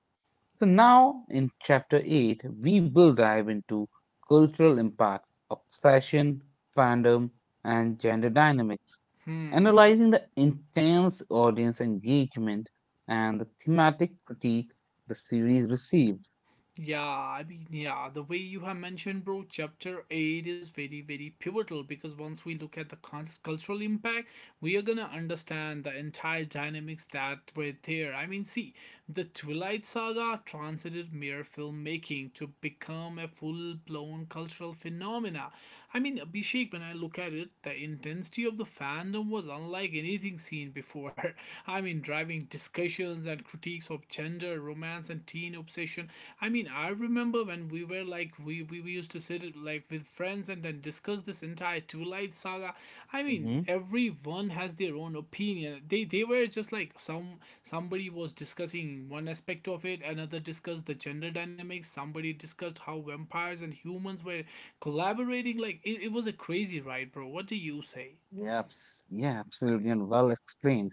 [SPEAKER 1] So now in chapter 8, we will dive into cultural impacts, obsession, fandom, and gender dynamics,
[SPEAKER 2] Hmm.
[SPEAKER 1] analyzing the intense audience engagement and the thematic critique the series received.
[SPEAKER 2] Yeah, I mean, yeah, the way you have mentioned, bro, chapter 8 is very, very pivotal because once we look at the cultural impact, we are gonna understand the entire dynamics that were there. I mean, see, the Twilight Saga transited mere filmmaking to become a full blown cultural phenomena. I mean, Abhishek, when I look at it, the intensity of the fandom was unlike anything seen before. I mean, driving discussions and critiques of gender, romance, and teen obsession. I mean, I remember when we were like we used to sit like with friends and then discuss this entire Two Light saga. I mean,
[SPEAKER 1] Hmm.
[SPEAKER 2] everyone has their own opinion. They were just like somebody was discussing one aspect of it, another discussed the gender dynamics, somebody discussed how vampires and humans were collaborating. Like it was a crazy ride, bro. What do you say?
[SPEAKER 1] Yep, yeah, absolutely, and well explained.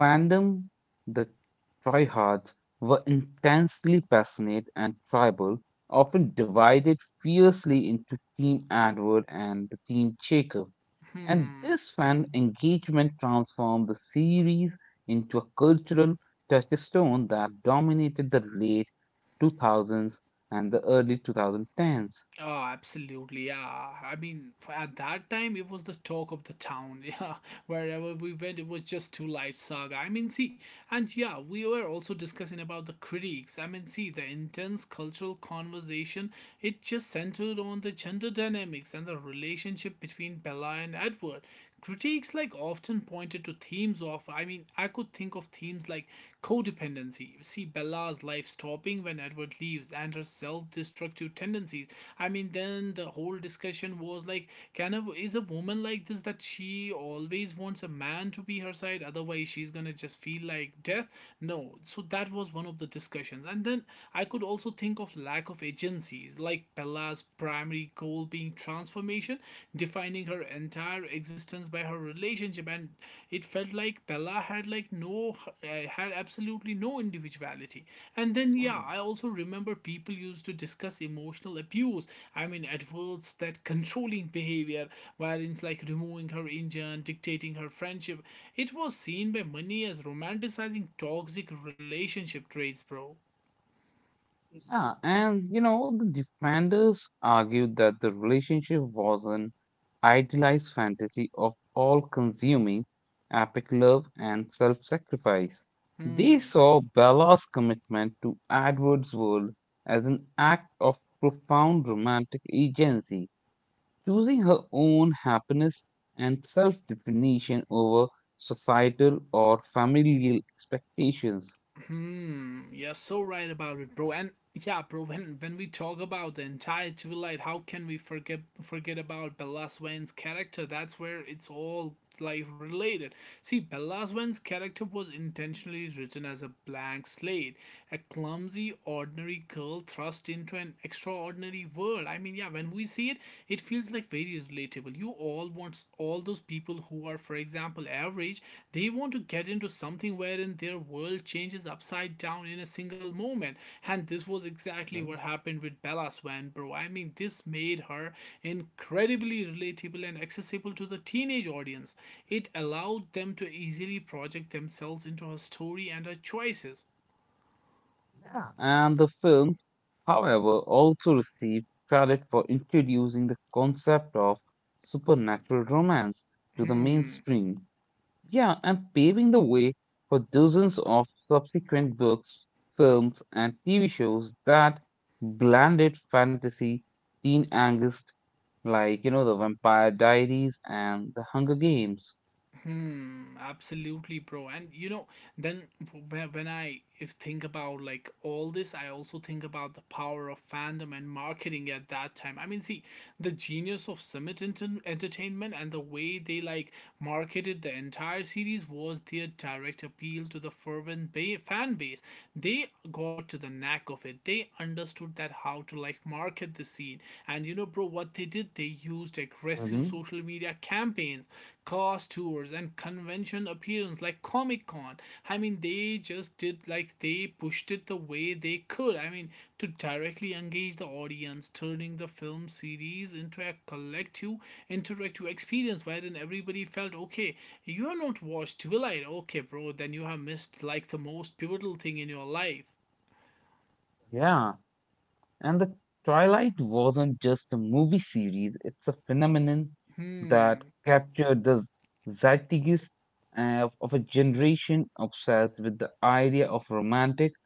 [SPEAKER 1] Fandom, the tryhards were intensely passionate and tribal, often divided fiercely into Team Edward and the Team Jacob. And
[SPEAKER 2] Hmm.
[SPEAKER 1] this fan engagement transformed the series into a cultural touchstone that dominated the late 2000s and the early 2010s.
[SPEAKER 2] Oh, absolutely. Yeah. I mean, at that time, it was the talk of the town. Yeah. Wherever we went, it was just two life saga. I mean, see, and yeah, we were also discussing about the critiques. I mean, see, the intense cultural conversation, it just centered on the gender dynamics and the relationship between Bella and Edward. Critiques like often pointed to themes of, I mean, I could think of themes like codependency. See, Bella's life stopping when Edward outward leaves and her self-destructive tendencies. I mean, then the whole discussion was like, can a, is a woman like this that she always wants a man to be her side, otherwise she's gonna just feel like death? No, so that was one of the discussions. And then I could also think of lack of agencies, like Bella's primary goal being transformation, defining her entire existence by her relationship. And it felt like Bella had like no uh, had absolutely no individuality. And then, yeah, I also remember people used to discuss emotional abuse. I mean, at adverts, that controlling behavior, wherein like removing her engine, dictating her friendship, it was seen by many as romanticizing toxic relationship traits, bro.
[SPEAKER 1] Yeah, and you know, the defenders argued that the relationship was an idealized fantasy of all consuming epic love and self sacrifice. They
[SPEAKER 2] Hmm.
[SPEAKER 1] saw Bella's commitment to Edward's world as an act of profound romantic agency, choosing her own happiness and self definition over societal or familial expectations.
[SPEAKER 2] Hmm, you're so right about it, bro. And yeah, bro, when we talk about the entire Twilight, how can we forget about Bella Swan's character? That's where it's all like related. See, Bella Swan's character was intentionally written as a blank slate, a clumsy, ordinary girl thrust into an extraordinary world. I mean, yeah, when we see it, it feels like very is relatable. You all want all those people who are, for example, average, they want to get into something wherein their world changes upside down in a single moment. And this was exactly what happened with Bella Swan, bro. I mean, this made her incredibly relatable and accessible to the teenage audience. It allowed them to easily project themselves into her story and her choices.
[SPEAKER 1] Yeah, and the film, however, also received credit for introducing the concept of supernatural romance to the
[SPEAKER 2] Hmm.
[SPEAKER 1] mainstream. Yeah, and paving the way for dozens of subsequent books, films, and TV shows that blended fantasy, teen angst, like, you know, The Vampire Diaries and The Hunger Games.
[SPEAKER 2] Hmm, absolutely, bro. And you know, then when I if think about like all this, I also think about the power of fandom and marketing at that time. I mean, see, the genius of Summit Entertainment and the way they like marketed the entire series was their direct appeal to the fervent fan base. They got to the knack of it. They understood that how to like market the scene. And you know, bro, what they did, they used aggressive
[SPEAKER 1] Hmm.
[SPEAKER 2] social media campaigns, cast tours, and convention appearance like Comic Con. I mean, they just did like they pushed it the way they could. I mean, to directly engage the audience, turning the film series into a collective interactive experience wherein everybody felt, okay, you have not watched Twilight, okay, bro, then you have missed like the most pivotal thing in your life.
[SPEAKER 1] Yeah. And the Twilight wasn't just a movie series, it's a phenomenon that
[SPEAKER 2] Hmm.
[SPEAKER 1] captured the zeitgeist of a generation obsessed with the idea of romantic,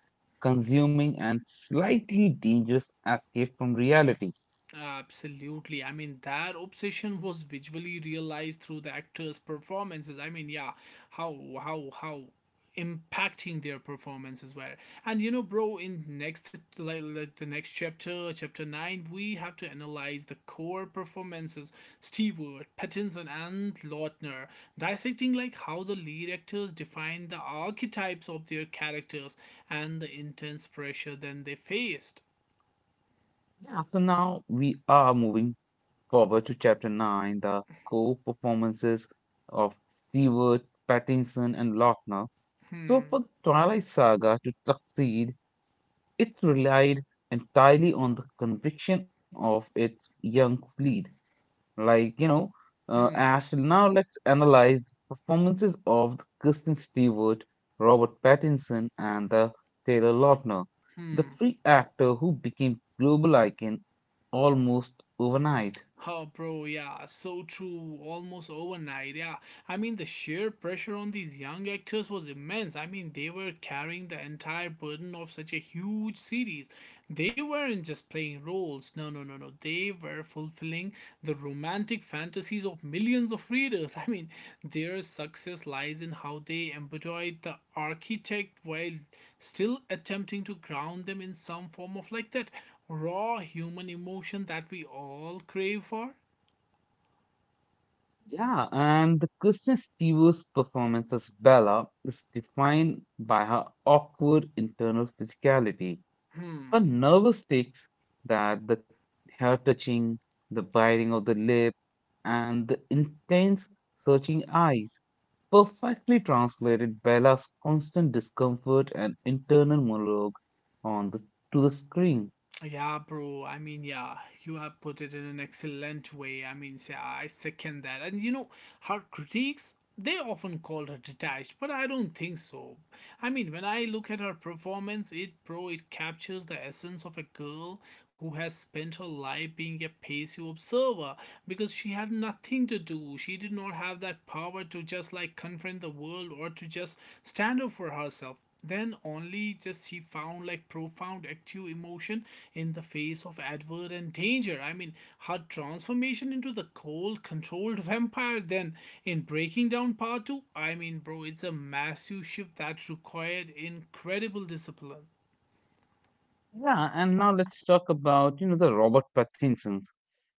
[SPEAKER 1] consuming, and slightly dangerous escape from reality.
[SPEAKER 2] Absolutely. I mean, that obsession was visually realized through the actors' performances. I mean, yeah, how how impacting their performances were. And you know, bro, in next like the next chapter, chapter 9, we have to analyze the core performances: Stewart, Pattinson, and Lautner, dissecting like how the lead actors define the archetypes of their characters and the intense pressure then they faced.
[SPEAKER 1] Yeah, so now we are moving forward to chapter 9, the co performances of Stewart, Pattinson, and Lautner. So, for
[SPEAKER 2] Hmm.
[SPEAKER 1] the Twilight Saga to succeed, it relied entirely on the conviction of its young fleet. Like, you know,
[SPEAKER 2] Hmm.
[SPEAKER 1] Ash, now let's analyze the performances of the Kirsten Stewart, Robert Pattinson, and the Taylor Lautner, the
[SPEAKER 2] Hmm.
[SPEAKER 1] three actors who became global icon almost overnight.
[SPEAKER 2] Oh, bro, yeah, so true. Almost overnight, yeah. I mean, the sheer pressure on these young actors was immense. I mean, they were carrying the entire burden of such a huge series. They weren't just playing roles. No, no, no, no. They were fulfilling the romantic fantasies of millions of readers. I mean, their success lies in how they embodied the architect while still attempting to ground them in some form of like that raw human emotion that we all crave for.
[SPEAKER 1] Yeah, and the Kristen Stewart's performance as Bella is defined by her awkward internal physicality. Her
[SPEAKER 2] Hmm.
[SPEAKER 1] nervous tics that the hair touching, the biting of the lip, and the intense searching eyes perfectly translated Bella's constant discomfort and internal monologue on the, to the screen.
[SPEAKER 2] Yeah, bro. I mean, yeah, you have put it in an excellent way. I mean, yeah, I second that. And you know, her critiques, they often called her detached, but I don't think so. I mean, when I look at her performance, bro, it captures the essence of a girl who has spent her life being a passive observer because she had nothing to do. She did not have that power to just like confront the world or to just stand up for herself. Then only just he found like profound active emotion in the face of adverse and danger. I mean, her transformation into the cold, controlled vampire, then in Breaking Down Part 2, I mean, bro, it's a massive shift that required incredible discipline.
[SPEAKER 1] Yeah, and now let's talk about, you know, the Robert Pattinsons.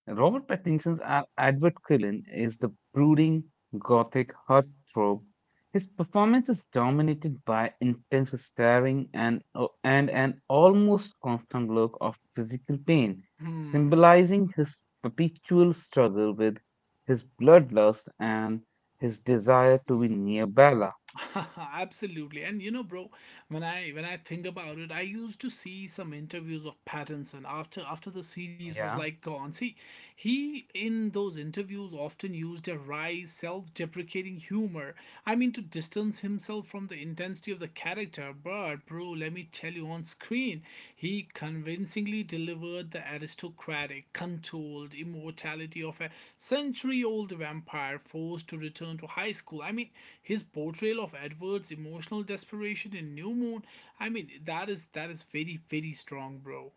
[SPEAKER 1] Robert Pattinson's Edward Cullen is the brooding gothic heartthrob. His performance is dominated by intense staring and an almost constant look of physical pain,
[SPEAKER 2] Hmm.
[SPEAKER 1] symbolizing his perpetual struggle with his bloodlust and his desire to be near Bella.
[SPEAKER 2] Absolutely. And you know, bro, when I think about it, I used to see some interviews of Pattinson after the series was
[SPEAKER 1] Yeah.
[SPEAKER 2] like gone. See, he in those interviews often used a wry, self-deprecating humor. I mean, to distance himself from the intensity of the character, but bro, let me tell you, on screen, he convincingly delivered the aristocratic, controlled immortality of a century old vampire forced to return to high school. I mean, his portrayal of Edward's emotional desperation in New Moon, I mean, that is very, very strong, bro.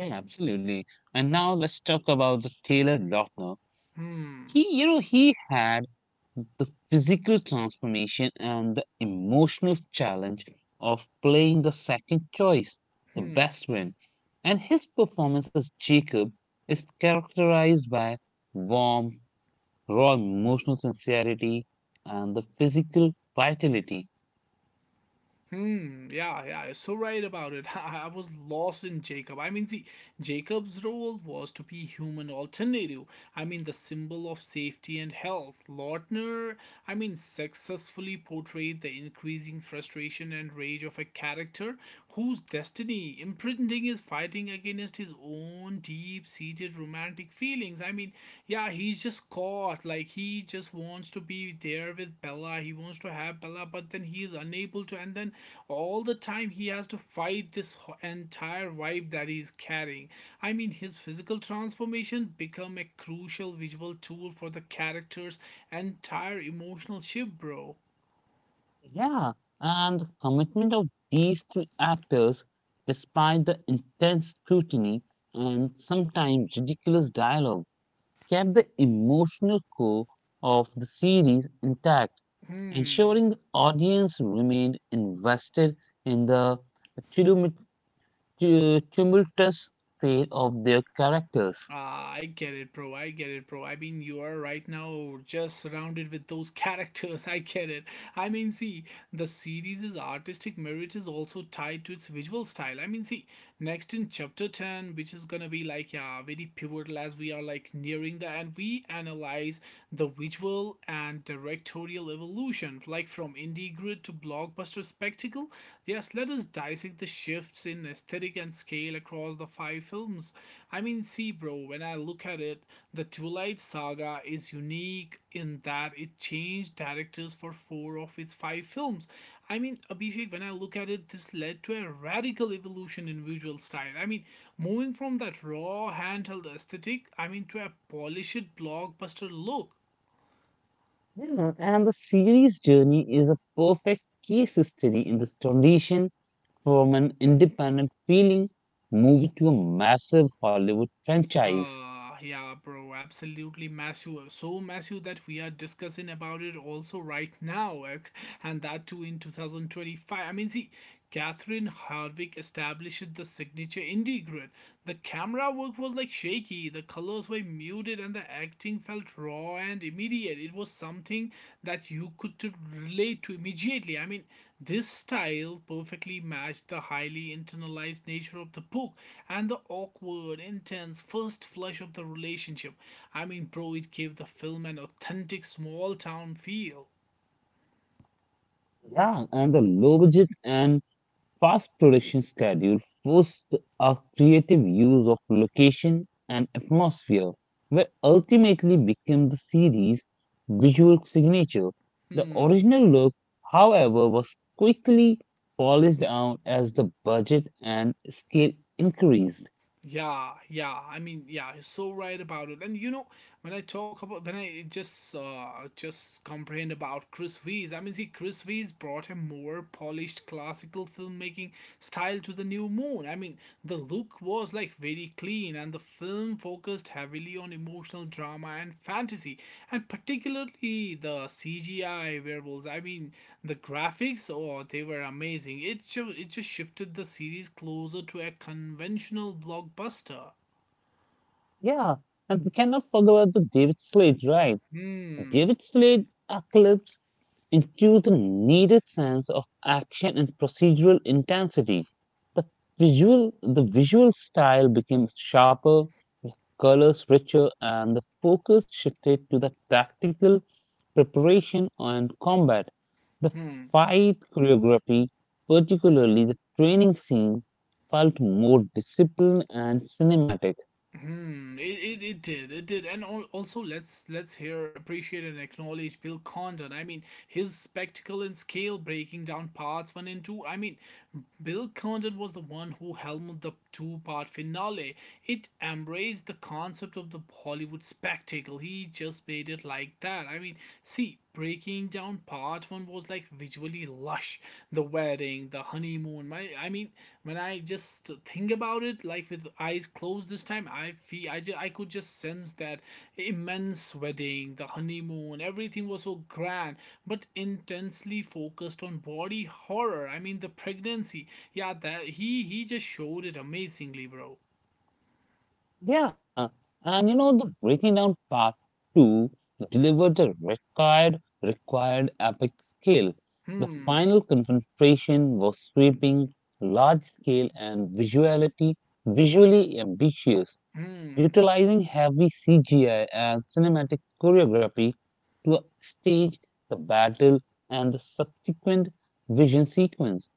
[SPEAKER 1] Yeah, absolutely. And now let's talk about the Taylor Lautner.
[SPEAKER 2] Hmm.
[SPEAKER 1] He, you know, he had the physical transformation and the emotional challenge of playing the second choice, the
[SPEAKER 2] Hmm.
[SPEAKER 1] best friend. And his performance as Jacob is characterized by warmth, raw emotional sincerity, and the physical vitality.
[SPEAKER 2] Hmm. Yeah. Yeah. You're so right about it. I was lost in Jacob. I mean, see, Jacob's role was to be human alternative. I mean, the symbol of safety and health. Lautner, I mean, successfully portrayed the increasing frustration and rage of a character whose destiny imprinting is fighting against his own deep-seated romantic feelings. I mean, yeah, he's just caught. Like he just wants to be there with Bella. He wants to have Bella, but then he is unable to. And then all the time he has to fight this entire vibe that he's carrying. I mean, his physical transformation become a crucial visual tool for the character's entire emotional shift, bro.
[SPEAKER 1] Yeah, and the commitment of these three actors, despite the intense scrutiny and sometimes ridiculous dialogue, kept the emotional core of the series intact,
[SPEAKER 2] Hmm.
[SPEAKER 1] ensuring the audience remained invested in the tumult- tumultuous fate of their characters.
[SPEAKER 2] Ah, I get it, bro. I get it, bro. I mean, you are right now just surrounded with those characters. I get it. I mean, see, the series' artistic merit is also tied to its visual style. I mean, see, next in chapter 10, which is gonna be like, yeah, very pivotal as we are like nearing the end, we analyze the visual and directorial evolution, like from indie grid to blockbuster spectacle. Yes, let us dissect the shifts in aesthetic and scale across the 5 films. I mean, see, bro, when I look at it, the Twilight Saga is unique in that it changed directors for four of its five films. I mean, Abhishek, when I look at it, this led to a radical evolution in visual style. I mean, moving from that raw handheld aesthetic, I mean, to a polished blockbuster look.
[SPEAKER 1] Yeah, and the series journey is a perfect case study in this transition from an independent feeling movie to a massive Hollywood franchise.
[SPEAKER 2] Yeah, bro, absolutely massive. So massive that we are discussing about it also right now, and that too in 2025. I mean, see, Catherine Hardwick established the signature indie grid. The camera work was like shaky, the colors were muted, and the acting felt raw and immediate. It was something that you could to relate to immediately. I mean, this style perfectly matched the highly internalized nature of the book and the awkward, intense first flush of the relationship. I mean, bro, it gave the film an authentic small town feel.
[SPEAKER 1] Yeah, and the low budget and fast production schedule forced a creative use of location and atmosphere, where ultimately became the series' visual signature. The
[SPEAKER 2] Hmm.
[SPEAKER 1] original look, however, was quickly polished down as the budget and scale increased.
[SPEAKER 2] Yeah, yeah. I mean, yeah, he's so right about it. And you know, when I talk about when I just complained about Chris V's, I mean, see, Chris V's brought a more polished classical filmmaking style to the New Moon. I mean, the look was like very clean, and the film focused heavily on emotional drama and fantasy, and particularly the CGI werewolves. I mean, the graphics, oh, they were amazing. It just shifted the series closer to a conventional blockbuster.
[SPEAKER 1] Yeah, and we cannot forget about the David Slade, right?
[SPEAKER 2] Hmm.
[SPEAKER 1] David Slade eclipsed into the needed sense of action and procedural intensity. The the visual style became sharper, colors richer, and the focus shifted to the tactical preparation and combat. The
[SPEAKER 2] hmm.
[SPEAKER 1] fight choreography, particularly the training scene, felt more disciplined and cinematic.
[SPEAKER 2] It did and also let's here appreciate and acknowledge Bill Condon. I mean, his spectacle and scale breaking down parts one and two. I mean, Bill Condon was the one who helmed the two-part finale. It embraced the concept of the Hollywood spectacle. He just made it like that. I mean, see, breaking down part one was like visually lush. The wedding, the honeymoon. My, I mean, when I just think about it, like with eyes closed this time, I feel I could just sense that immense wedding, the honeymoon, everything was so grand, but intensely focused on body horror. I mean, the pregnancy. Yeah, that he just showed it amazingly, bro.
[SPEAKER 1] Yeah, and you know the breaking down part two delivered the required epic scale. The
[SPEAKER 2] Hmm.
[SPEAKER 1] final confrontation was sweeping, large scale, and visuality visually ambitious,
[SPEAKER 2] Hmm.
[SPEAKER 1] utilizing heavy CGI and cinematic choreography to stage the battle and the subsequent vision sequence.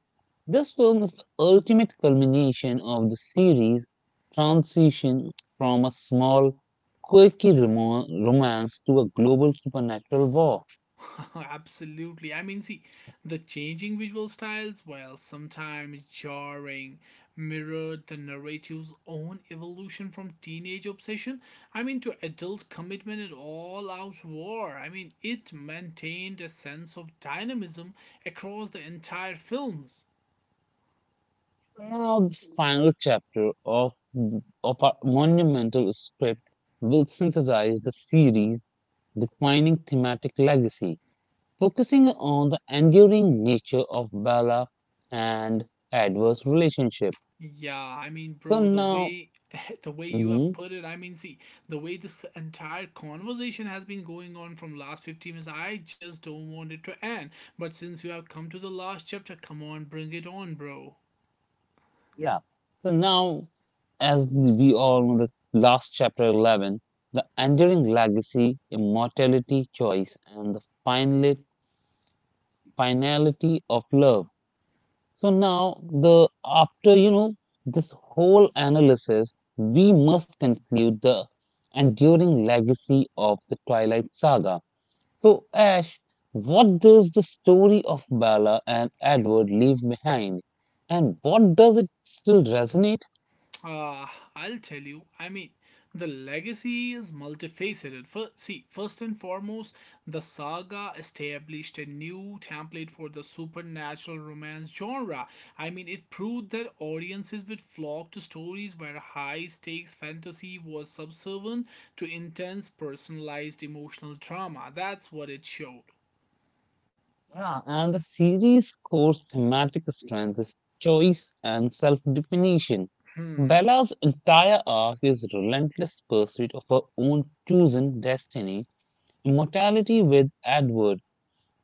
[SPEAKER 1] This film is the ultimate culmination of the series' transition from a small, quirky romance to a global supernatural war.
[SPEAKER 2] Absolutely. I mean, see, the changing visual styles, while sometimes jarring, mirrored the narrative's own evolution from teenage obsession, I mean, to adult commitment and all out war. I mean, it maintained a sense of dynamism across the entire films.
[SPEAKER 1] Now, the final chapter of our monumental script will synthesize the series' defining thematic legacy, focusing on the enduring nature of Bella and Edward's relationship.
[SPEAKER 2] Yeah, I mean,
[SPEAKER 1] So
[SPEAKER 2] bro, the
[SPEAKER 1] now,
[SPEAKER 2] way the way you have put it, I mean, see, the way this entire conversation has been going on from last 15 minutes, I just don't want it to end. But since you have come to the last chapter, come on, bring it on, bro.
[SPEAKER 1] Yeah. So now, as we all know, this last chapter 11, the enduring legacy, immortality, choice, and the finality of love. So now, the after you know this whole analysis, we must conclude the enduring legacy of the Twilight Saga. So, Ash, what does the story of Bella and Edward leave behind, and what does it still resonate?
[SPEAKER 2] Uh, I'll tell you. I mean, the legacy is multifaceted. First, see, first and foremost, the saga established a new template for the supernatural romance genre. I mean, it proved that audiences would flock to stories where high stakes fantasy was subservient to intense personalized emotional drama. That's what it showed.
[SPEAKER 1] Yeah, and the series' core thematic strength is choice and self definition.
[SPEAKER 2] Hmm.
[SPEAKER 1] Bella's entire arc is relentless pursuit of her own chosen destiny, immortality with Edward,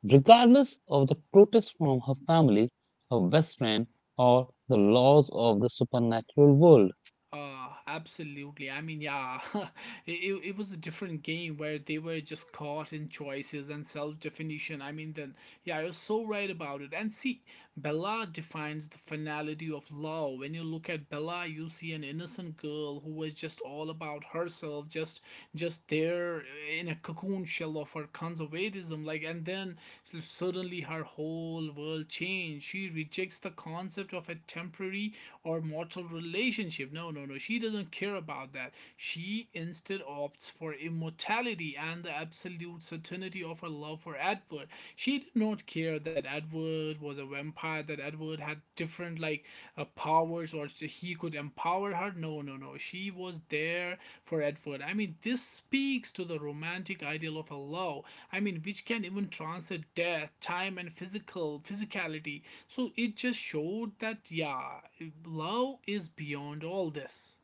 [SPEAKER 1] regardless of the protest from her family, her best friend, or the laws of the supernatural world.
[SPEAKER 2] Absolutely. I mean, yeah, it was a different game where they were just caught in choices and self definition. I mean, then, yeah, you're so right about it. And see, Bella defines the finality of love. When you look at Bella, you see an innocent girl who was just all about herself, just there in a cocoon shell of her conservatism. Like, and then suddenly her whole world changed. She rejects the concept of a temporary or mortal relationship. No, no, no. She doesn't care about that. She instead opts for immortality and the absolute certainty of her love for Edward. She did not care that Edward was a vampire, that Edward had different like powers or he could empower her. No, no, no. She was there for Edward. I mean, this speaks to the romantic ideal of a love. I mean, which can even transcend death, time, and physical physicality. So it just showed that yeah, love is beyond all this.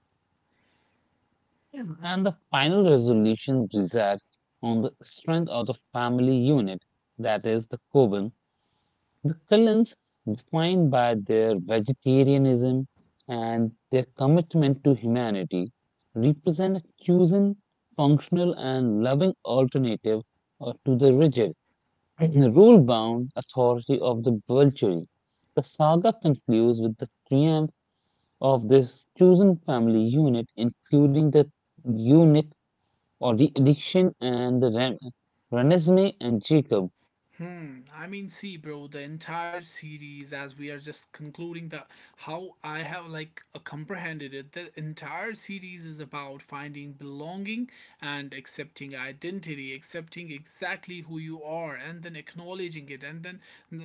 [SPEAKER 1] Yeah. And the final resolution resides on the strength of the family unit, that is, the coven, The Cullens, defined by their vegetarianism and their commitment to humanity, represent a chosen, functional, and loving alternative to the rigid, rule bound authority of the Volturi. The saga concludes with the triumph of this chosen family unit, including the eunuch or the addiction and the Renesmee and Jacob.
[SPEAKER 2] Hmm. I mean, see, bro, the entire series, as we are just concluding the how I have like comprehended it, the entire series is about finding belonging and accepting identity, accepting exactly who you are, and then acknowledging it, and then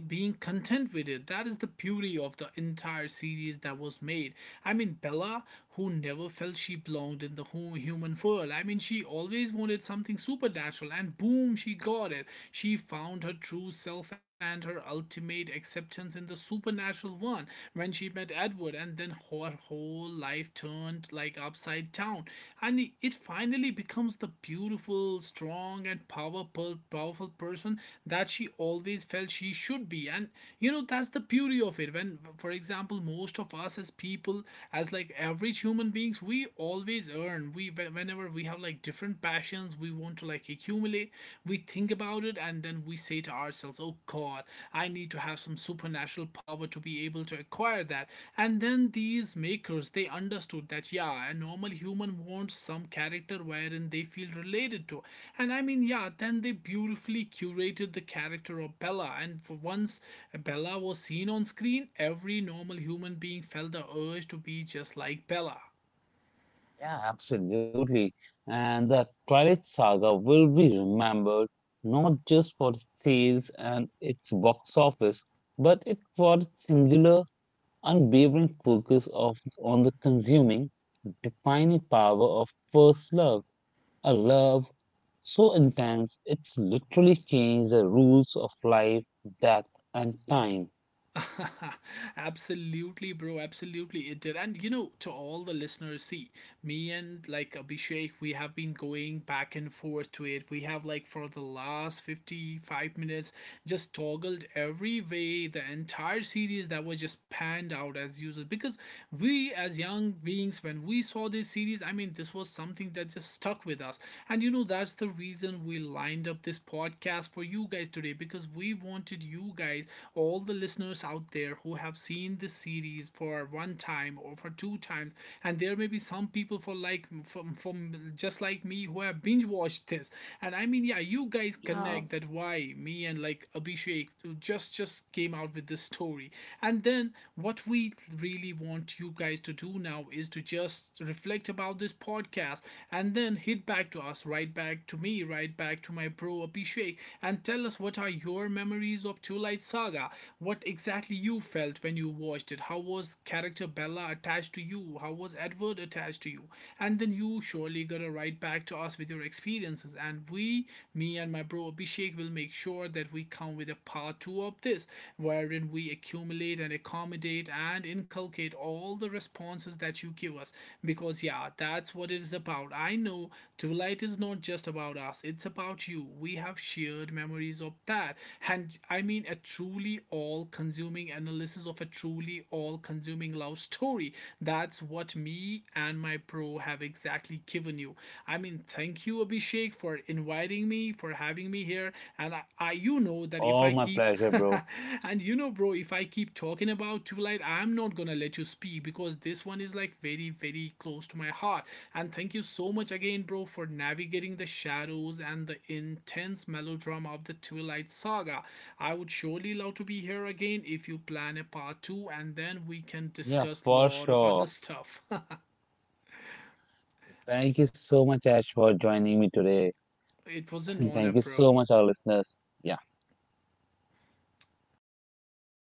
[SPEAKER 2] being content with it. That is the beauty of the entire series that was made. I mean, Bella, who never felt she belonged in the human world. I mean, she always wanted something supernatural people, and boom, she got it. She found her true self and her ultimate acceptance in the supernatural one when she met Edward, and then her whole life turned like upside down. And it finally becomes the beautiful, strong, and powerful person that she always felt she should be. And you know, that's the beauty of it. When, for example, most of us as people, as like average human beings, we always earn. We, whenever whatever we have like different passions we want to like accumulate, we think about it, and then we say to ourselves, oh god, I need to have some supernatural power to be able to acquire that. And then these makers, they understood that yeah, a normal human wants some character wherein they feel related to. And I mean, yeah, then they beautifully curated the character of Bella, and for once, Bella was seen on screen, every normal human being felt the urge to be just like Bella.
[SPEAKER 1] Yeah, absolutely. And the Twilight Saga will be remembered not just for its sales and its box office, but it for its singular, unwavering focus of on the consuming, defining power of first love, a love so intense it's literally changed the rules of life, death, and time.
[SPEAKER 2] Absolutely, bro. Absolutely, it did. And you know, to all the listeners, see, me and like Abhishek, we have been going back and forth to it. We have like for the last 55 minutes just toggled every way the entire series that was just panned out as users because we, as young beings, when we saw this series, I mean, this was something that just stuck with us. And you know, that's the reason we lined up this podcast for you guys today because we wanted you guys, all the listeners out there who have seen this series for one time or for two times, and there may be some people for like from just like me who have binge watched this. And I mean, yeah, you guys
[SPEAKER 1] Yeah,
[SPEAKER 2] connect that why me and like Abhishek just came out with this story. And then what we really want you guys to do now is to just us reflect about this podcast and then hit back to us, right back to me, right back to my bro Abhishek, and tell us what are your memories of Two Light Saga, what exactly you felt when you watched it, how was character Bella attached to you, how was Edward attached to you, and then you surely gonna write back to us with your experiences, and we, me and my bro Abhishek, will make sure that we come with a part 2 of this, wherein we accumulate and accommodate and inculcate all the responses that you give us. Because, yeah, that's what it is about. I know Twilight is not just about us, it's about you. We have shared memories of that. And I mean, a truly all consuming analysis of a truly all consuming love story. That's what me and my pro have exactly given you. I mean, thank you, Abhishek, for inviting me, for having me here, and I you
[SPEAKER 1] it's
[SPEAKER 2] know that if
[SPEAKER 1] all
[SPEAKER 2] I
[SPEAKER 1] my
[SPEAKER 2] keep
[SPEAKER 1] pleasure, bro.
[SPEAKER 2] and you know bro, if I keep talking about Twilight, I'm not gonna let you speak because this one is like very very close to my heart, and thank you so much again bro for navigating the shadows and the intense melodrama of the Twilight Saga. I would surely love to be here again if you plan a part two, and then we can
[SPEAKER 1] Yeah,
[SPEAKER 2] discuss a
[SPEAKER 1] for
[SPEAKER 2] lot of other
[SPEAKER 1] sure.
[SPEAKER 2] stuff.
[SPEAKER 1] Thank you so much, Ash, for joining me today.
[SPEAKER 2] It was an honor,
[SPEAKER 1] Thank you so
[SPEAKER 2] bro.
[SPEAKER 1] much, our listeners. Yeah.
[SPEAKER 2] All right, guys.